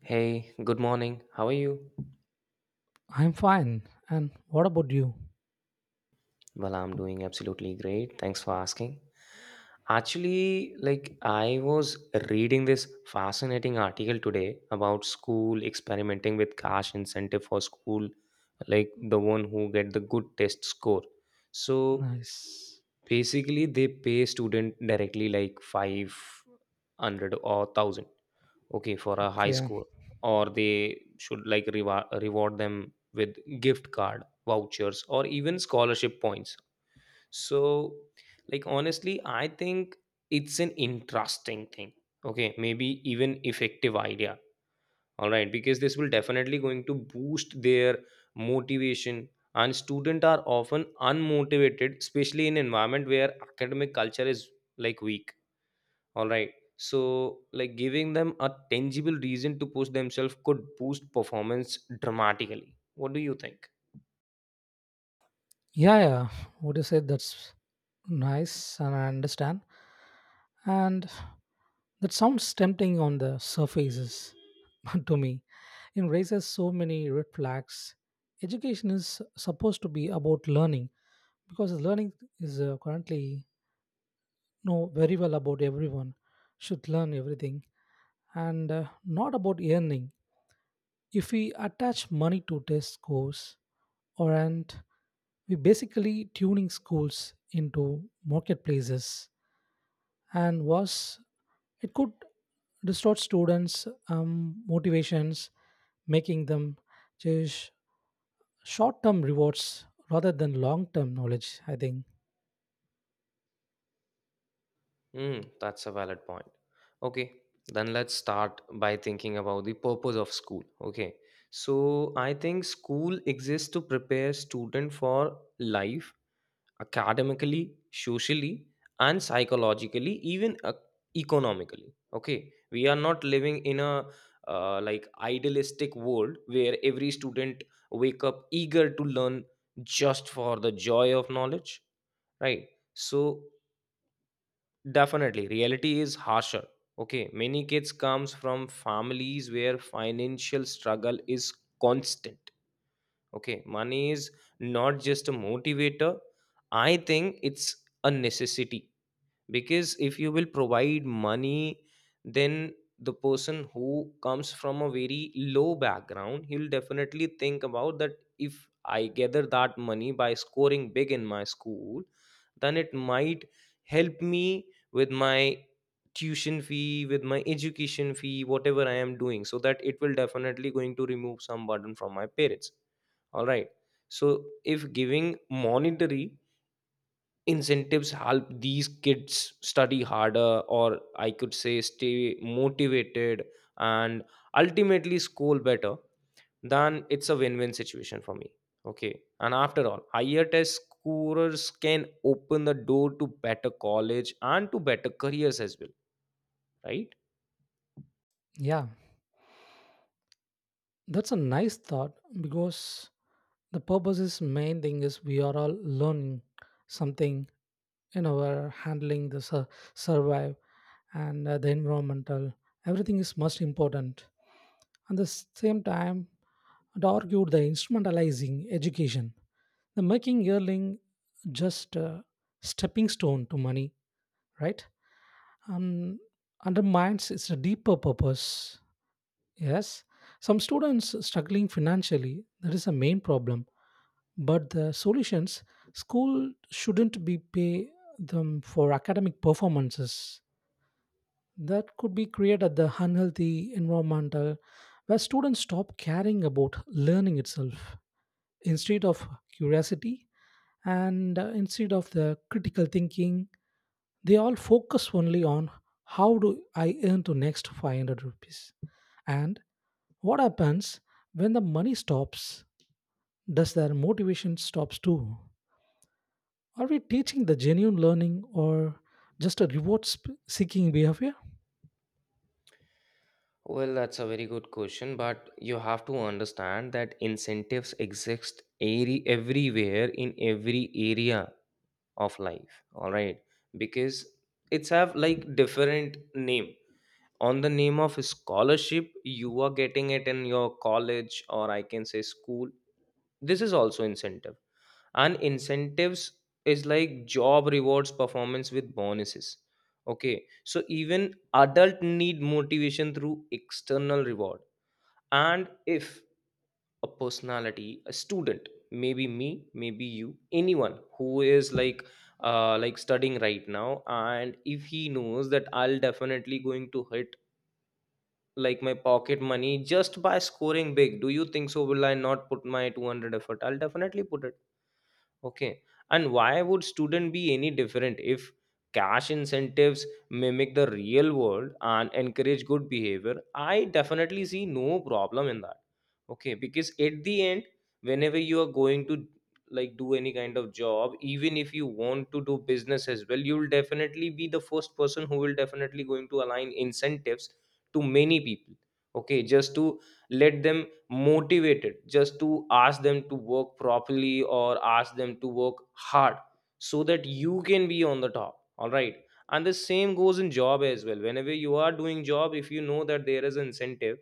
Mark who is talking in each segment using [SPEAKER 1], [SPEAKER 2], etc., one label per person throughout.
[SPEAKER 1] Hey, good morning. How are you?
[SPEAKER 2] I'm fine. And what about you?
[SPEAKER 1] Well, I'm doing absolutely great. Thanks for asking. Actually, I was reading this fascinating article today about school experimenting with cash incentive for school, like the one who get the good test score. So
[SPEAKER 2] Nice.
[SPEAKER 1] basically, they pay student directly like 500 or 1,000. Okay, for a high
[SPEAKER 2] Okay.
[SPEAKER 1] score, or they should reward them with gift card vouchers or even scholarship points. So, like honestly, I think it's an interesting thing. Okay, maybe even effective idea. All right, because this will definitely going to boost their motivation, and students are often unmotivated, especially in environment where academic culture is like weak, all right. So, like giving them a tangible reason to push themselves could boost performance dramatically. What do you think?
[SPEAKER 2] Yeah, yeah. What you said that's nice and I understand. And that sounds tempting on the surfaces to me. It raises so many red flags. Education is supposed to be about learning because learning is currently know very well about everyone should learn everything and not about earning. If we attach money to test scores or and we basically tuning schools into marketplaces and was it could distort students motivations, making them chase short-term rewards rather than long-term knowledge, I think.
[SPEAKER 1] Hmm, that's a valid point. Okay, then let's start by thinking about the purpose of school. Okay, so I think school exists to prepare student for life academically, socially, and psychologically, even economically. Okay, we are not living in a like idealistic world where every student wake up eager to learn just for the joy of knowledge, right? So definitely, reality is harsher. Okay, many kids comes from families where financial struggle is constant. Okay, money is not just a motivator, I think it's a necessity, because if you will provide money, then the person who comes from a very low background he'll definitely think about that. If I gather that money by scoring big in my school, then it might help me with my tuition fee, with my education fee, whatever I am doing, so that it will definitely going to remove some burden from my parents, all right? So if giving monetary incentives help these kids study harder, or I could say stay motivated, and ultimately score better, then it's a win-win situation for me. Okay, and after all, higher test scorers can open the door to better college and to better careers as well, right?
[SPEAKER 2] Yeah, that's a nice thought because the purpose is main thing is we are all learning something. We're handling the survive and the environmental everything is most important at the same time. It argued the instrumentalizing education, the making yearling just a stepping stone to money, right? Um, undermines its deeper purpose. Yes, some students struggling financially, that is a main problem, but the solutions school shouldn't be pay them for academic performances. That could be created at the unhealthy environmental where students stop caring about learning itself, instead of curiosity and instead of the critical thinking. They all focus only on how do I earn to next 500 rupees, and what happens when the money stops? Does their motivation stops too? Are we teaching the genuine learning or just a reward seeking behavior?
[SPEAKER 1] Well, that's a very good question, but you have to understand that incentives exist everywhere, in every area of life, all right? Because it's have like different name. On the name of scholarship you are getting it in your college, or I can say school, this is also incentive. And incentives is like job rewards performance with bonuses. Okay, so even adult need motivation through external reward. And if a personality, a student, maybe me, maybe you, anyone who is like studying right now, and if he knows that I'll definitely going to hit like my pocket money just by scoring big, do you think so will I not put my 200 effort? I'll definitely put it. Okay. And why would student be any different if cash incentives mimic the real world and encourage good behavior? I definitely see no problem in that. Okay, because at the end, whenever you are going to like do any kind of job, even if you want to do business as well, you will definitely be the first person who will definitely going to align incentives to many people. Okay, just to let them motivated, just to ask them to work properly or ask them to work hard so that you can be on the top, all right? And the same goes in job as well. Whenever you are doing job, if you know that there is an incentive,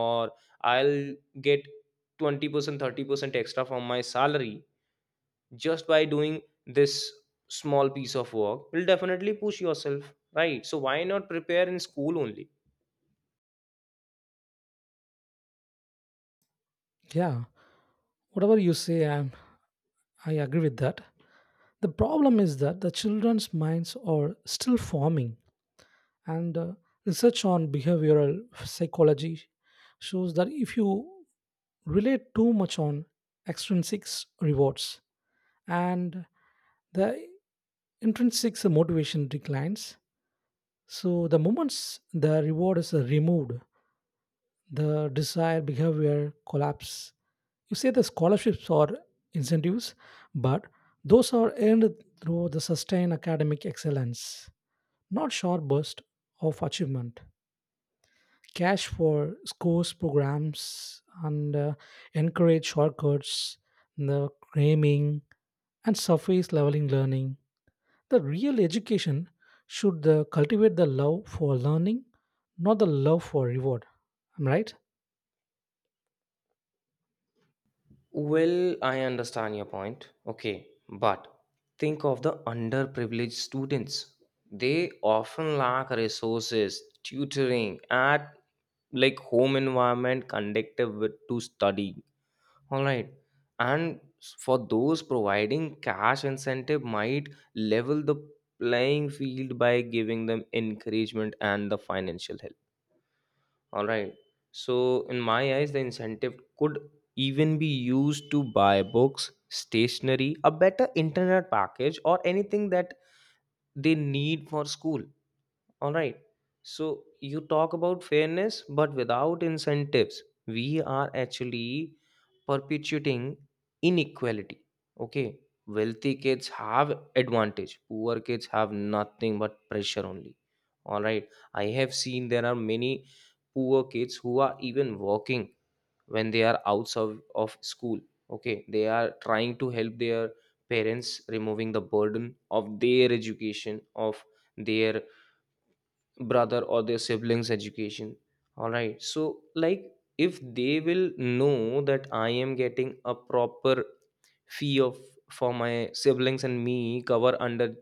[SPEAKER 1] or I'll get 20% 30% extra from my salary just by doing this small piece of work, will definitely push yourself, right? So why not prepare in school only?
[SPEAKER 2] Yeah, whatever you say, I agree with that. The problem is that the children's minds are still forming, and research on behavioral psychology shows that if you relate too much on extrinsic rewards and the intrinsic motivation declines, so the moments the reward is removed, the desire behavior collapse. You say the scholarships are incentives, but those are earned through the sustained academic excellence, not short bursts of achievement. Cash for scores, programs and encourage shortcuts, the cramming and surface leveling learning. The real education should cultivate the love for learning, not the love for reward. Am I right?
[SPEAKER 1] Well, I understand your point. Okay, but think of the underprivileged students. They often lack resources, tutoring, at like home environment conducive with to study. All right, and for those, providing cash incentive might level the playing field by giving them encouragement and the financial help. All right. So, in my eyes, the incentive could even be used to buy books, stationery, a better internet package, or anything that they need for school. All right. So you talk about fairness, but without incentives, we are actually perpetuating inequality. Okay. Wealthy kids have advantage. Poor kids have nothing but pressure only. All right. I have seen there are many poor kids who are even working when they are outside of school. Okay. They are trying to help their parents, removing the burden of their education, of their brother or their siblings education, all right? So like, if they will know that I am getting a proper fee of for my siblings and me cover under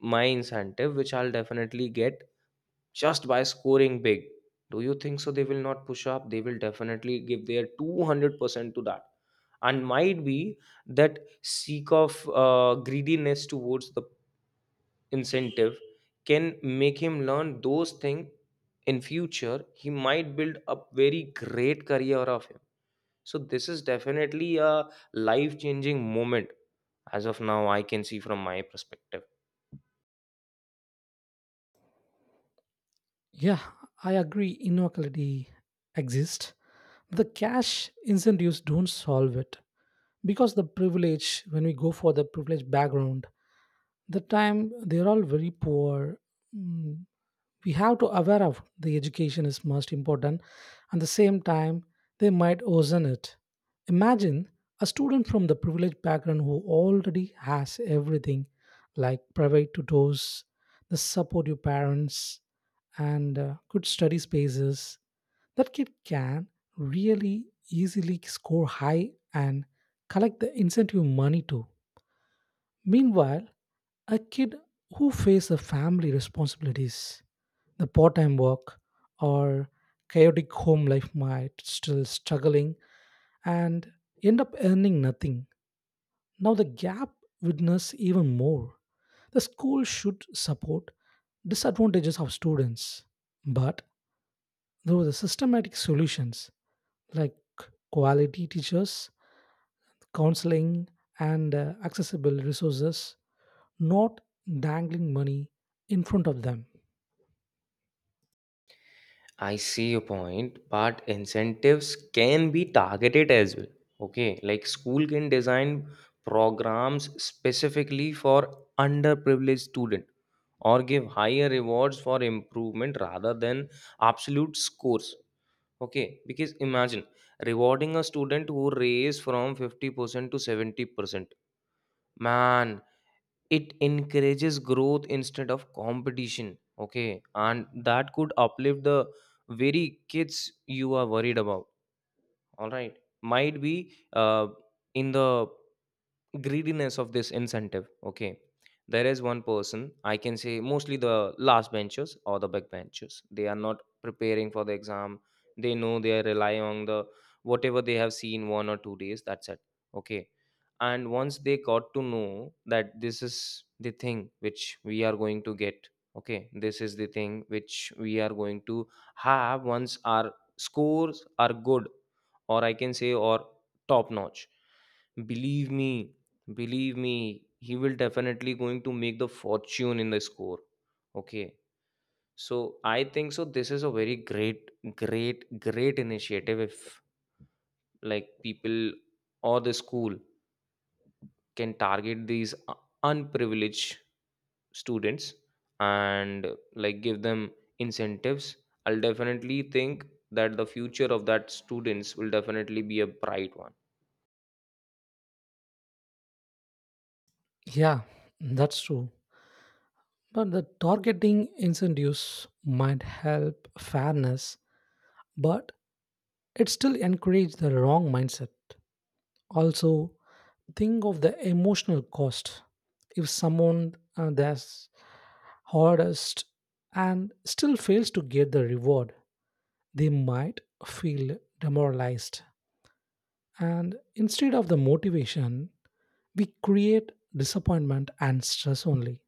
[SPEAKER 1] my incentive, which I'll definitely get just by scoring big, do you think so they will not push up? They will definitely give their 200% to that. And might be that seek of greediness towards the incentive can make him learn those things. In future he might build a very great career of him. So this is definitely a life changing moment, as of now I can see from my perspective.
[SPEAKER 2] Yeah, I agree inequality exists. The cash incentives don't solve it because the privilege, when we go for the privileged background, the time they're all very poor. mm, we have to aware of the education is most important at the same time. They might worsen it. Imagine a student from the privileged background who already has everything, like private tutors, the supportive parents, and good study spaces. That kid can really easily score high and collect the incentive money too. Meanwhile, a kid who faces a family responsibilities, the part-time work, or chaotic home life might still struggling and end up earning nothing. Now the gap witness even more. The school should support disadvantages of students, but through the systematic solutions like quality teachers, counseling, and accessible resources, not dangling money in front of them.
[SPEAKER 1] I see your point, but incentives can be targeted as well. Okay, like school can design programs specifically for underprivileged student, or give higher rewards for improvement rather than absolute scores. Okay, because imagine rewarding a student who raised from 50% to 70%. Man, it encourages growth instead of competition. Okay, and that could uplift the very kids you are worried about. All right, might be in the greediness of this incentive, okay, there is one person, I can say mostly the last benchers or the back benchers, they are not preparing for the exam. They know they are relying on the whatever they have seen 1 or 2 days, that's it. Okay, and once they got to know that this is the thing which we are going to get, okay, this is the thing which we are going to have once our scores are good, or I can say or top notch, believe me, he will definitely going to make the fortune in the score. Okay, so I think so this is a very great initiative. If like people or the school can target these unprivileged students and like give them incentives, I'll definitely think that the future of that students will definitely be a bright one.
[SPEAKER 2] Yeah, that's true. But the targeting incentives might help fairness, but it still encourages the wrong mindset. Also, think of the emotional cost. If someone that's hardest and still fails to get the reward, they might feel demoralized. And instead of the motivation, we create disappointment and stress only.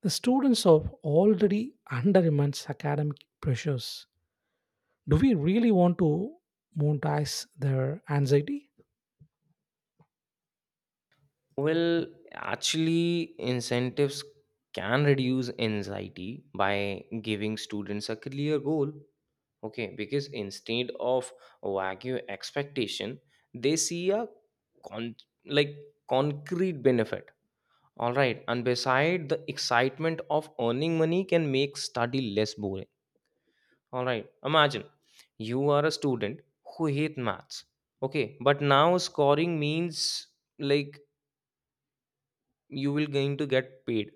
[SPEAKER 2] The students are already under immense academic pressures. Do we really want to monetize their anxiety?
[SPEAKER 1] Well, actually, incentives can reduce anxiety by giving students a clear goal. Okay, because instead of vague expectation, they see a con- like concrete benefit. All right, and beside, the excitement of earning money can make study less boring. All right, imagine you are a student who hate maths. Okay, but now scoring means like you will going to get paid.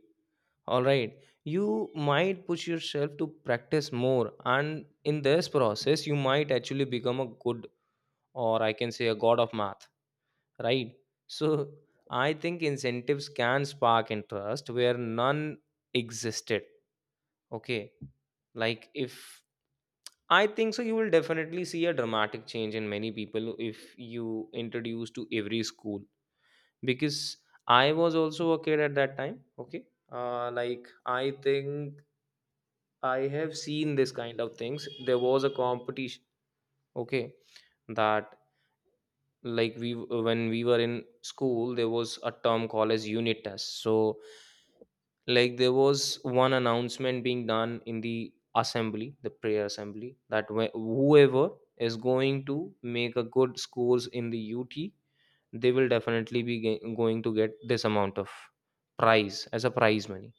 [SPEAKER 1] All right. You might push yourself to practice more, and in this process, you might actually become a good, or I can say a god of math, right? So, I think incentives can spark interest where none existed. Okay. Like, if I think so, you will definitely see a dramatic change in many people if you introduce to every school. Because I was also a kid at that time. Okay. Like, I think I have seen this kind of things. There was a competition, okay, that we, when we were in school, there was a term called as unit test. So like there was one announcement being done in the assembly, the prayer assembly, that whoever is going to make a good scores in the UT, they will definitely be going to get this amount of prize as a prize money.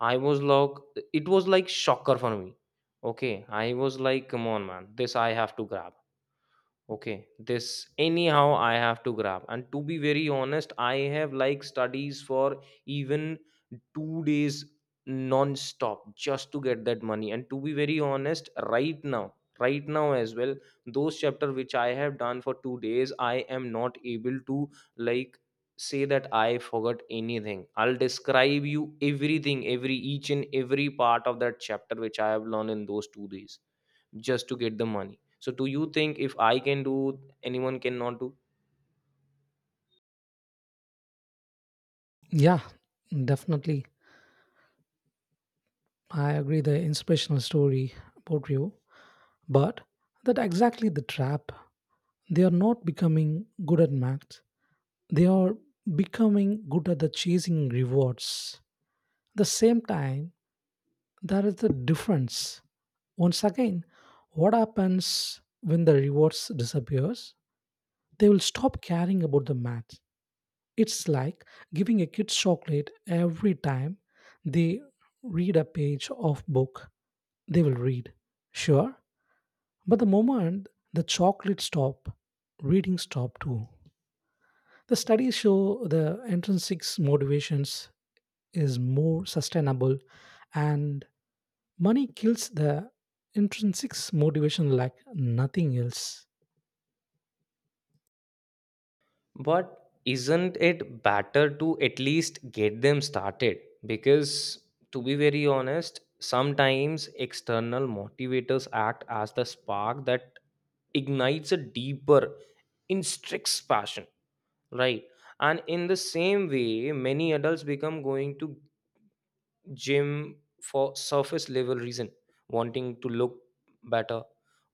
[SPEAKER 1] I was like, it was like shocker for me. Okay, I was like, come on, man, this I have to grab. Okay, this anyhow I have to grab. And to be very honest, I have like studies for even 2 days non-stop just to get that money. And to be very honest, right now, as well, those chapter which I have done for 2 days, I am not able to like say that I forgot anything. I'll describe you everything, every each and every part of that chapter which I have learned in those 2 days just to get the money. So do you think if I can do, anyone cannot do?
[SPEAKER 2] Yeah, definitely. I agree the inspirational story about you, but that exactly the trap. They are not becoming good at math. They are becoming good at the chasing rewards. The same time, there is the difference. Once again, what happens when the rewards disappears? They will stop caring about the math. It's like giving a kid chocolate every time they read a page of book, they will read. Sure, but the moment the chocolate stop, reading stop too. The studies show the intrinsic motivations is more sustainable and money kills the intrinsic motivation like nothing else.
[SPEAKER 1] But isn't it better to at least get them started? Because to be very honest, sometimes external motivators act as the spark that ignites a deeper intrinsic passion, right? And in the same way, many adults become going to gym for surface level reason, wanting to look better,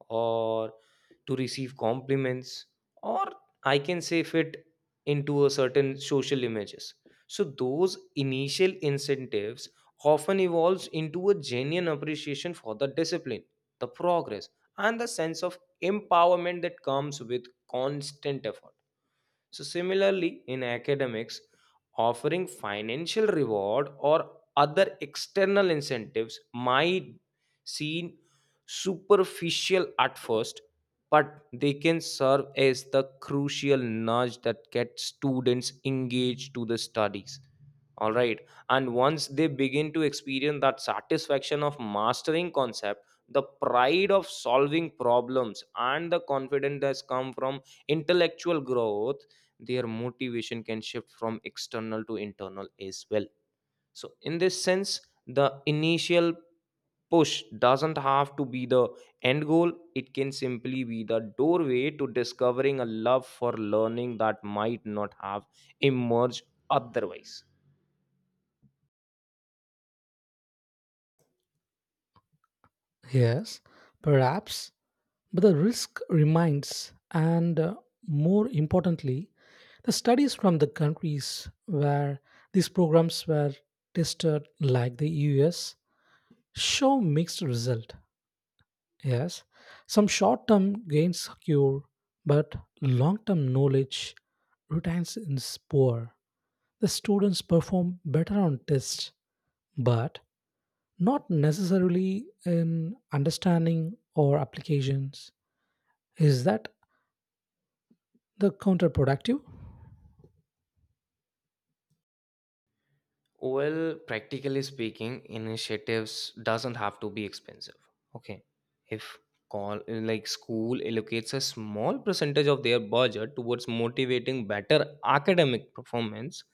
[SPEAKER 1] or to receive compliments, or I can say fit into a certain social images. So those initial incentives often evolves into a genuine appreciation for the discipline, the progress, and the sense of empowerment that comes with constant effort. So, similarly, in academics, offering financial reward or other external incentives might seem superficial at first, but they can serve as the crucial nudge that gets students engaged to the studies. All right, and once they begin to experience that satisfaction of mastering concept, the pride of solving problems, and the confidence that's come from intellectual growth, their motivation can shift from external to internal as well. So in this sense, the initial push doesn't have to be the end goal. It can simply be the doorway to discovering a love for learning that might not have emerged otherwise.
[SPEAKER 2] Yes, perhaps. But the risk remains, and more importantly, the studies from the countries where these programs were tested, like the US, show mixed result. Yes, some short-term gains secure, but long-term knowledge retains is poor. The students perform better on tests, but not necessarily in understanding or applications. Is that the counterproductive?
[SPEAKER 1] Well, practically speaking, initiatives doesn't have to be expensive. Okay. If call like school allocates a small percentage of their budget towards motivating better academic performance,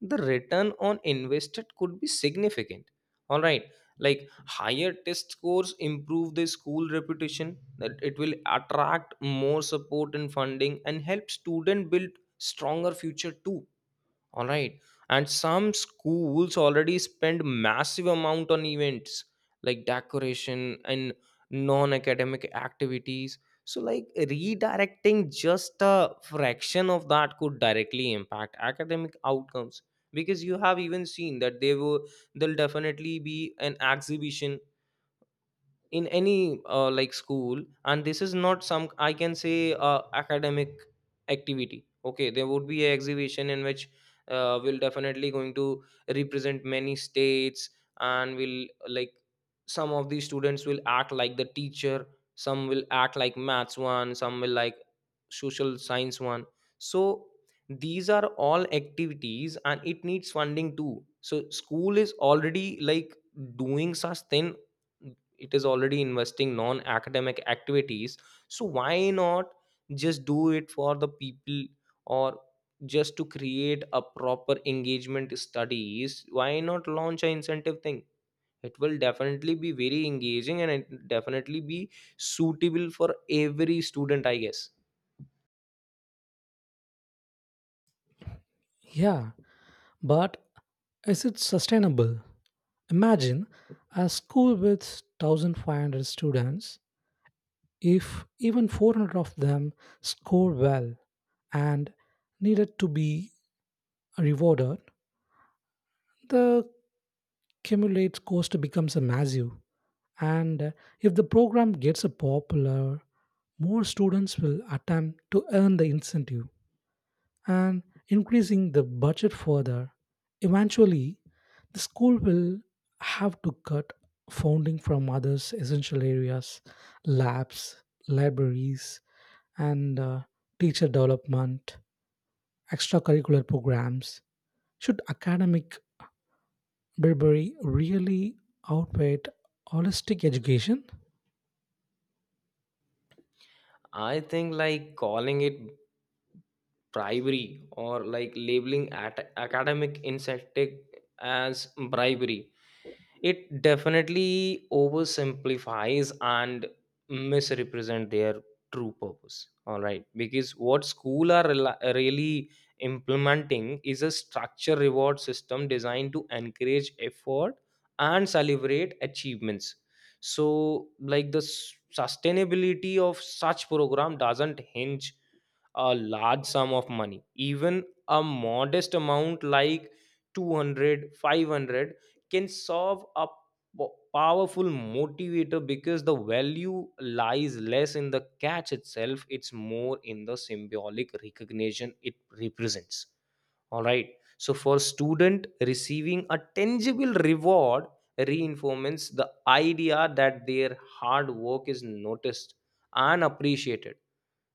[SPEAKER 1] the return on invested could be significant. All right. Like higher test scores improve the school reputation, that it will attract more support and funding and help student build stronger future too. All right. And some schools already spend massive amount on events like decoration and non-academic activities. So like redirecting just a fraction of that could directly impact academic outcomes. Because you have even seen that they will there'll definitely be an exhibition in any like school, and this is not some I can say academic activity. Okay, there would be an exhibition in which we'll definitely going to represent many states, and will like some of the students will act like the teacher, some will act like maths one, some will like social science one. So these are all activities and it needs funding too. So school is already like doing such thing. It is already investing non academic activities. So why not just do it for the people, or just to create a proper engagement studies, why not launch an incentive thing? It will definitely be very engaging and it definitely be suitable for every student, I guess.
[SPEAKER 2] Yeah, but is it sustainable? Imagine a school with 1500 students, if even 400 of them score well and needed to be rewarded, the accumulates cost becomes a massive. And if the program gets a popular, more students will attempt to earn the incentive and increasing the budget further. Eventually, the school will have to cut funding from others essential areas, labs, libraries, and teacher development, extracurricular programs. Should academic Burberry really outweighed holistic education?
[SPEAKER 1] I think like calling it bribery, or like labeling at academic incentive as bribery, it definitely oversimplifies and misrepresent their true purpose. All right, because what school are really implementing is a structure reward system designed to encourage effort and celebrate achievements. So like the sustainability of such program doesn't hinge a large sum of money. Even a modest amount like 200 500 can solve a powerful motivator, because the value lies less in the catch itself, it's more in the symbolic recognition it represents. All right, so for student receiving a tangible reward reinforces the idea that their hard work is noticed and appreciated.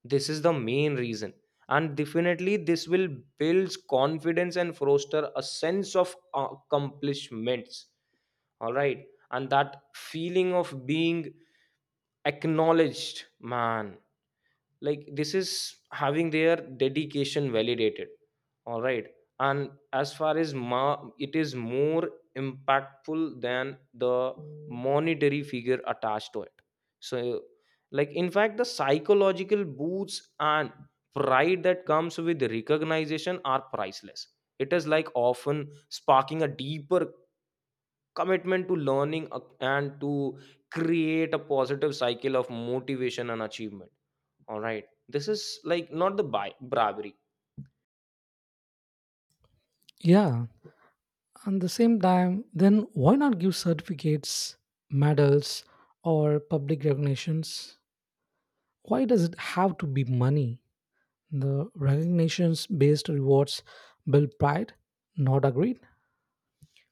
[SPEAKER 1] This is the main reason. And definitely this will build confidence and foster a sense of accomplishments. All right. And that feeling of being acknowledged man, like this is having their dedication validated. All right. And as far as it is more impactful than the monetary figure attached to it. So like in fact the psychological boosts and pride that comes with recognition are priceless. It is like often sparking a deeper commitment to learning and to create a positive cycle of motivation and achievement. All right. This is like not the bribery.
[SPEAKER 2] Yeah, and the same time, then why not give certificates, medals, or public recognitions? Why does it have to be money? The recognitions based rewards build pride, not agreed?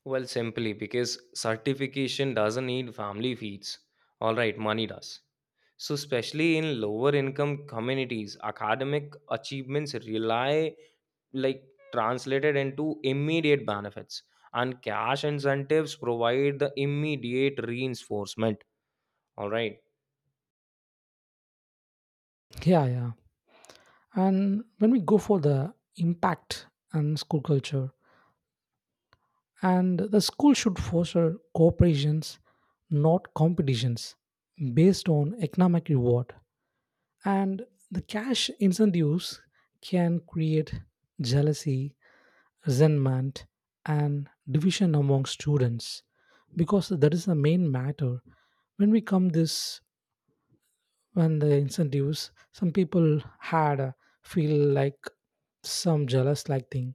[SPEAKER 1] Well, simply because certification doesn't need family fees. All right, money does. So, especially in lower income communities, academic achievements rely like translated into immediate benefits, and cash incentives provide the immediate reinforcement. All right.
[SPEAKER 2] Yeah, yeah. And when we go for the impact and school culture, and the school should foster cooperations, not competitions based on economic reward. And the cash incentives can create jealousy, resentment, and division among students, because that is the main matter. When we come this, when the incentives some people had feel like some jealous like thing.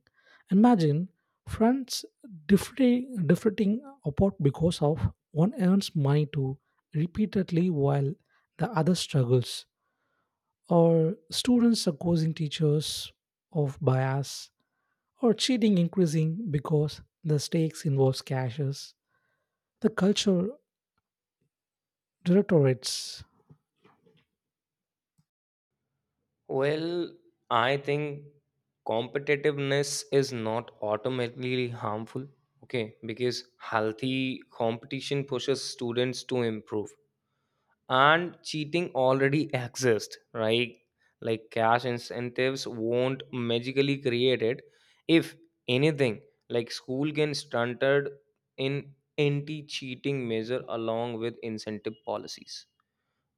[SPEAKER 2] Imagine friends differing apart because of one earns money to repeatedly while the other struggles, or students accusing teachers of bias or cheating increasing because the stakes involves cashes. The culture deteriorates.
[SPEAKER 1] Well, I think competitiveness is not automatically harmful. Okay, because healthy competition pushes students to improve. And cheating already exists, right? Like cash incentives won't magically create it. If anything, like school can stunted in anti-cheating measure along with incentive policies.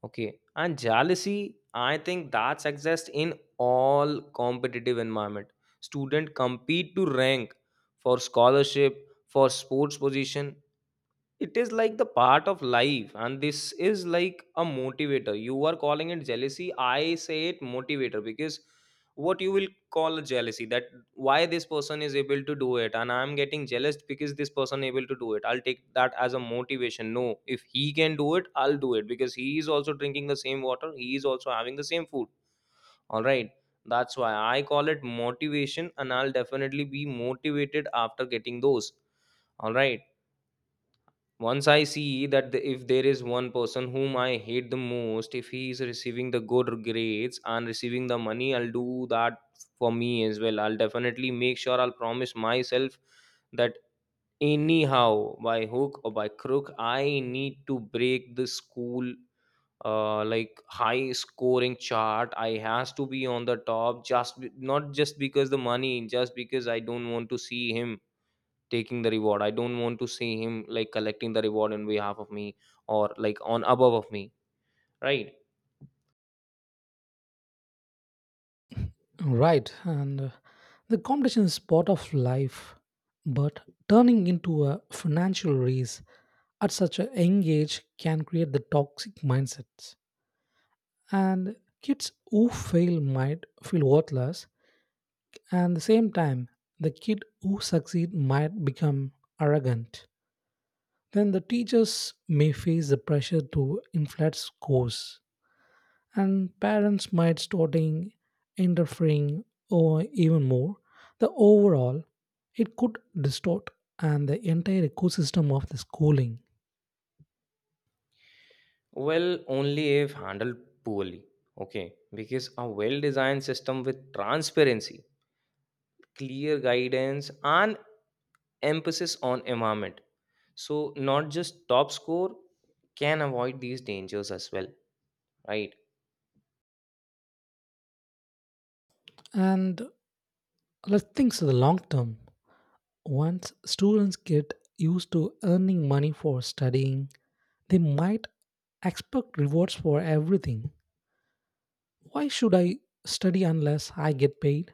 [SPEAKER 1] Okay. And jealousy, I think that's exists in all competitive environment. Student compete to rank for scholarship, for sports position. It is like the part of life and this is like a motivator. You are calling it jealousy, I say it motivator. Because what you will call a jealousy, that why this person is able to do it and I'm getting jealous because this person able to do it, I'll take that as a motivation. No, if he can do it, I'll do it, because he is also drinking the same water, he is also having the same food. All right, that's why I call it motivation, and I'll definitely be motivated after getting those. All right. Once I see that the, if there is one person whom I hate the most, if he is receiving the good grades and receiving the money, I'll do that for me as well. I'll definitely make sure, I'll promise myself that anyhow, by hook or by crook, I need to break the school like high scoring chart. I has to be on the top, just not just because the money, just because I don't want to see him taking the reward. I don't want to see him like collecting the reward on behalf of me, or like on above of me, right?
[SPEAKER 2] Right, and the competition is part of life, but turning into a financial race at such a young age can create the toxic mindsets. And kids who fail might feel worthless, and at the same time, the kid who succeed might become arrogant. Then the teachers may face the pressure to inflate scores, and parents might starting interfering or even more the overall it could distort and the entire ecosystem of the schooling.
[SPEAKER 1] Well, only if handled poorly. Okay, because a well designed system with transparency, clear guidance, and emphasis on environment, so not just top score, can avoid these dangers as well, right?
[SPEAKER 2] And let's think to the long term. Once students get used to earning money for studying, they might expect rewards for everything. Why should I study unless I get paid?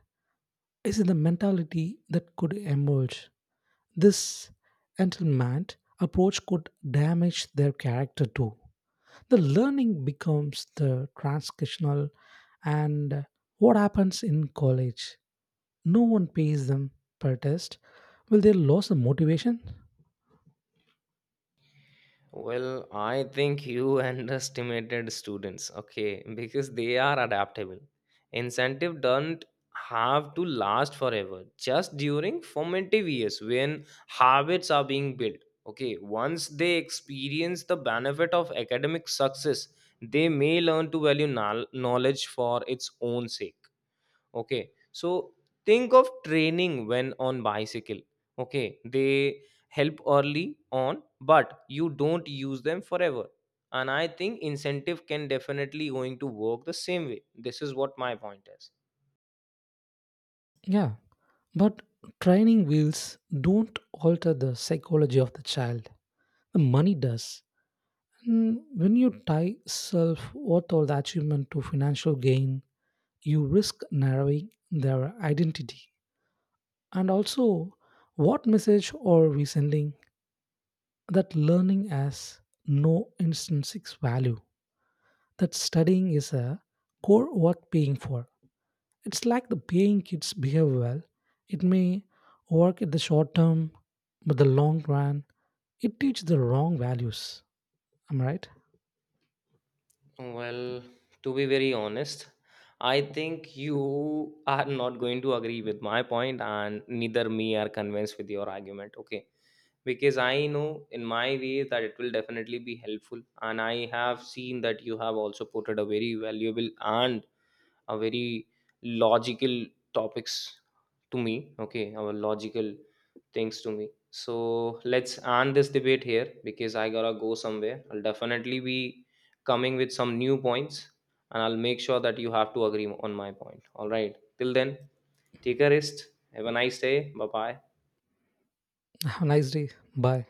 [SPEAKER 2] Is it the mentality that could emerge? This entitlement approach could damage their character too. The learning becomes the transactional, and what happens in college? No one pays them per test. Will they lose the motivation?
[SPEAKER 1] Well, I think you underestimated students. Okay, because they are adaptable. Incentive don't have to last forever, just during formative years when habits are being built. Okay, once they experience the benefit of academic success, they may learn to value knowledge for its own sake. Okay, so think of training when on bicycle. Okay, they help early on but you don't use them forever. And I think incentive can definitely going to work the same way. This is what my point is.
[SPEAKER 2] Yeah, but training wheels don't alter the psychology of the child. The money does. When you tie self worth or the achievement to financial gain, you risk narrowing their identity. And also, what message are we sending that learning has no intrinsic value? That studying is a core worth paying for. It's like the paying kids behave well. It may work in the short term, but the long run, it teaches the wrong values. Am I right?
[SPEAKER 1] Well, to be very honest, I think you are not going to agree with my point and neither me are convinced with your argument. Okay, because I know in my way that it will definitely be helpful, and I have seen that you have also put it a very valuable and a very logical topics to me. Okay, our logical things to me. So let's end this debate here because I gotta go somewhere. I'll definitely be coming with some new points, and I'll make sure that you have to agree on my point. All right, till then, take a rest, have a nice day. Bye bye.
[SPEAKER 2] Have a nice day. Bye.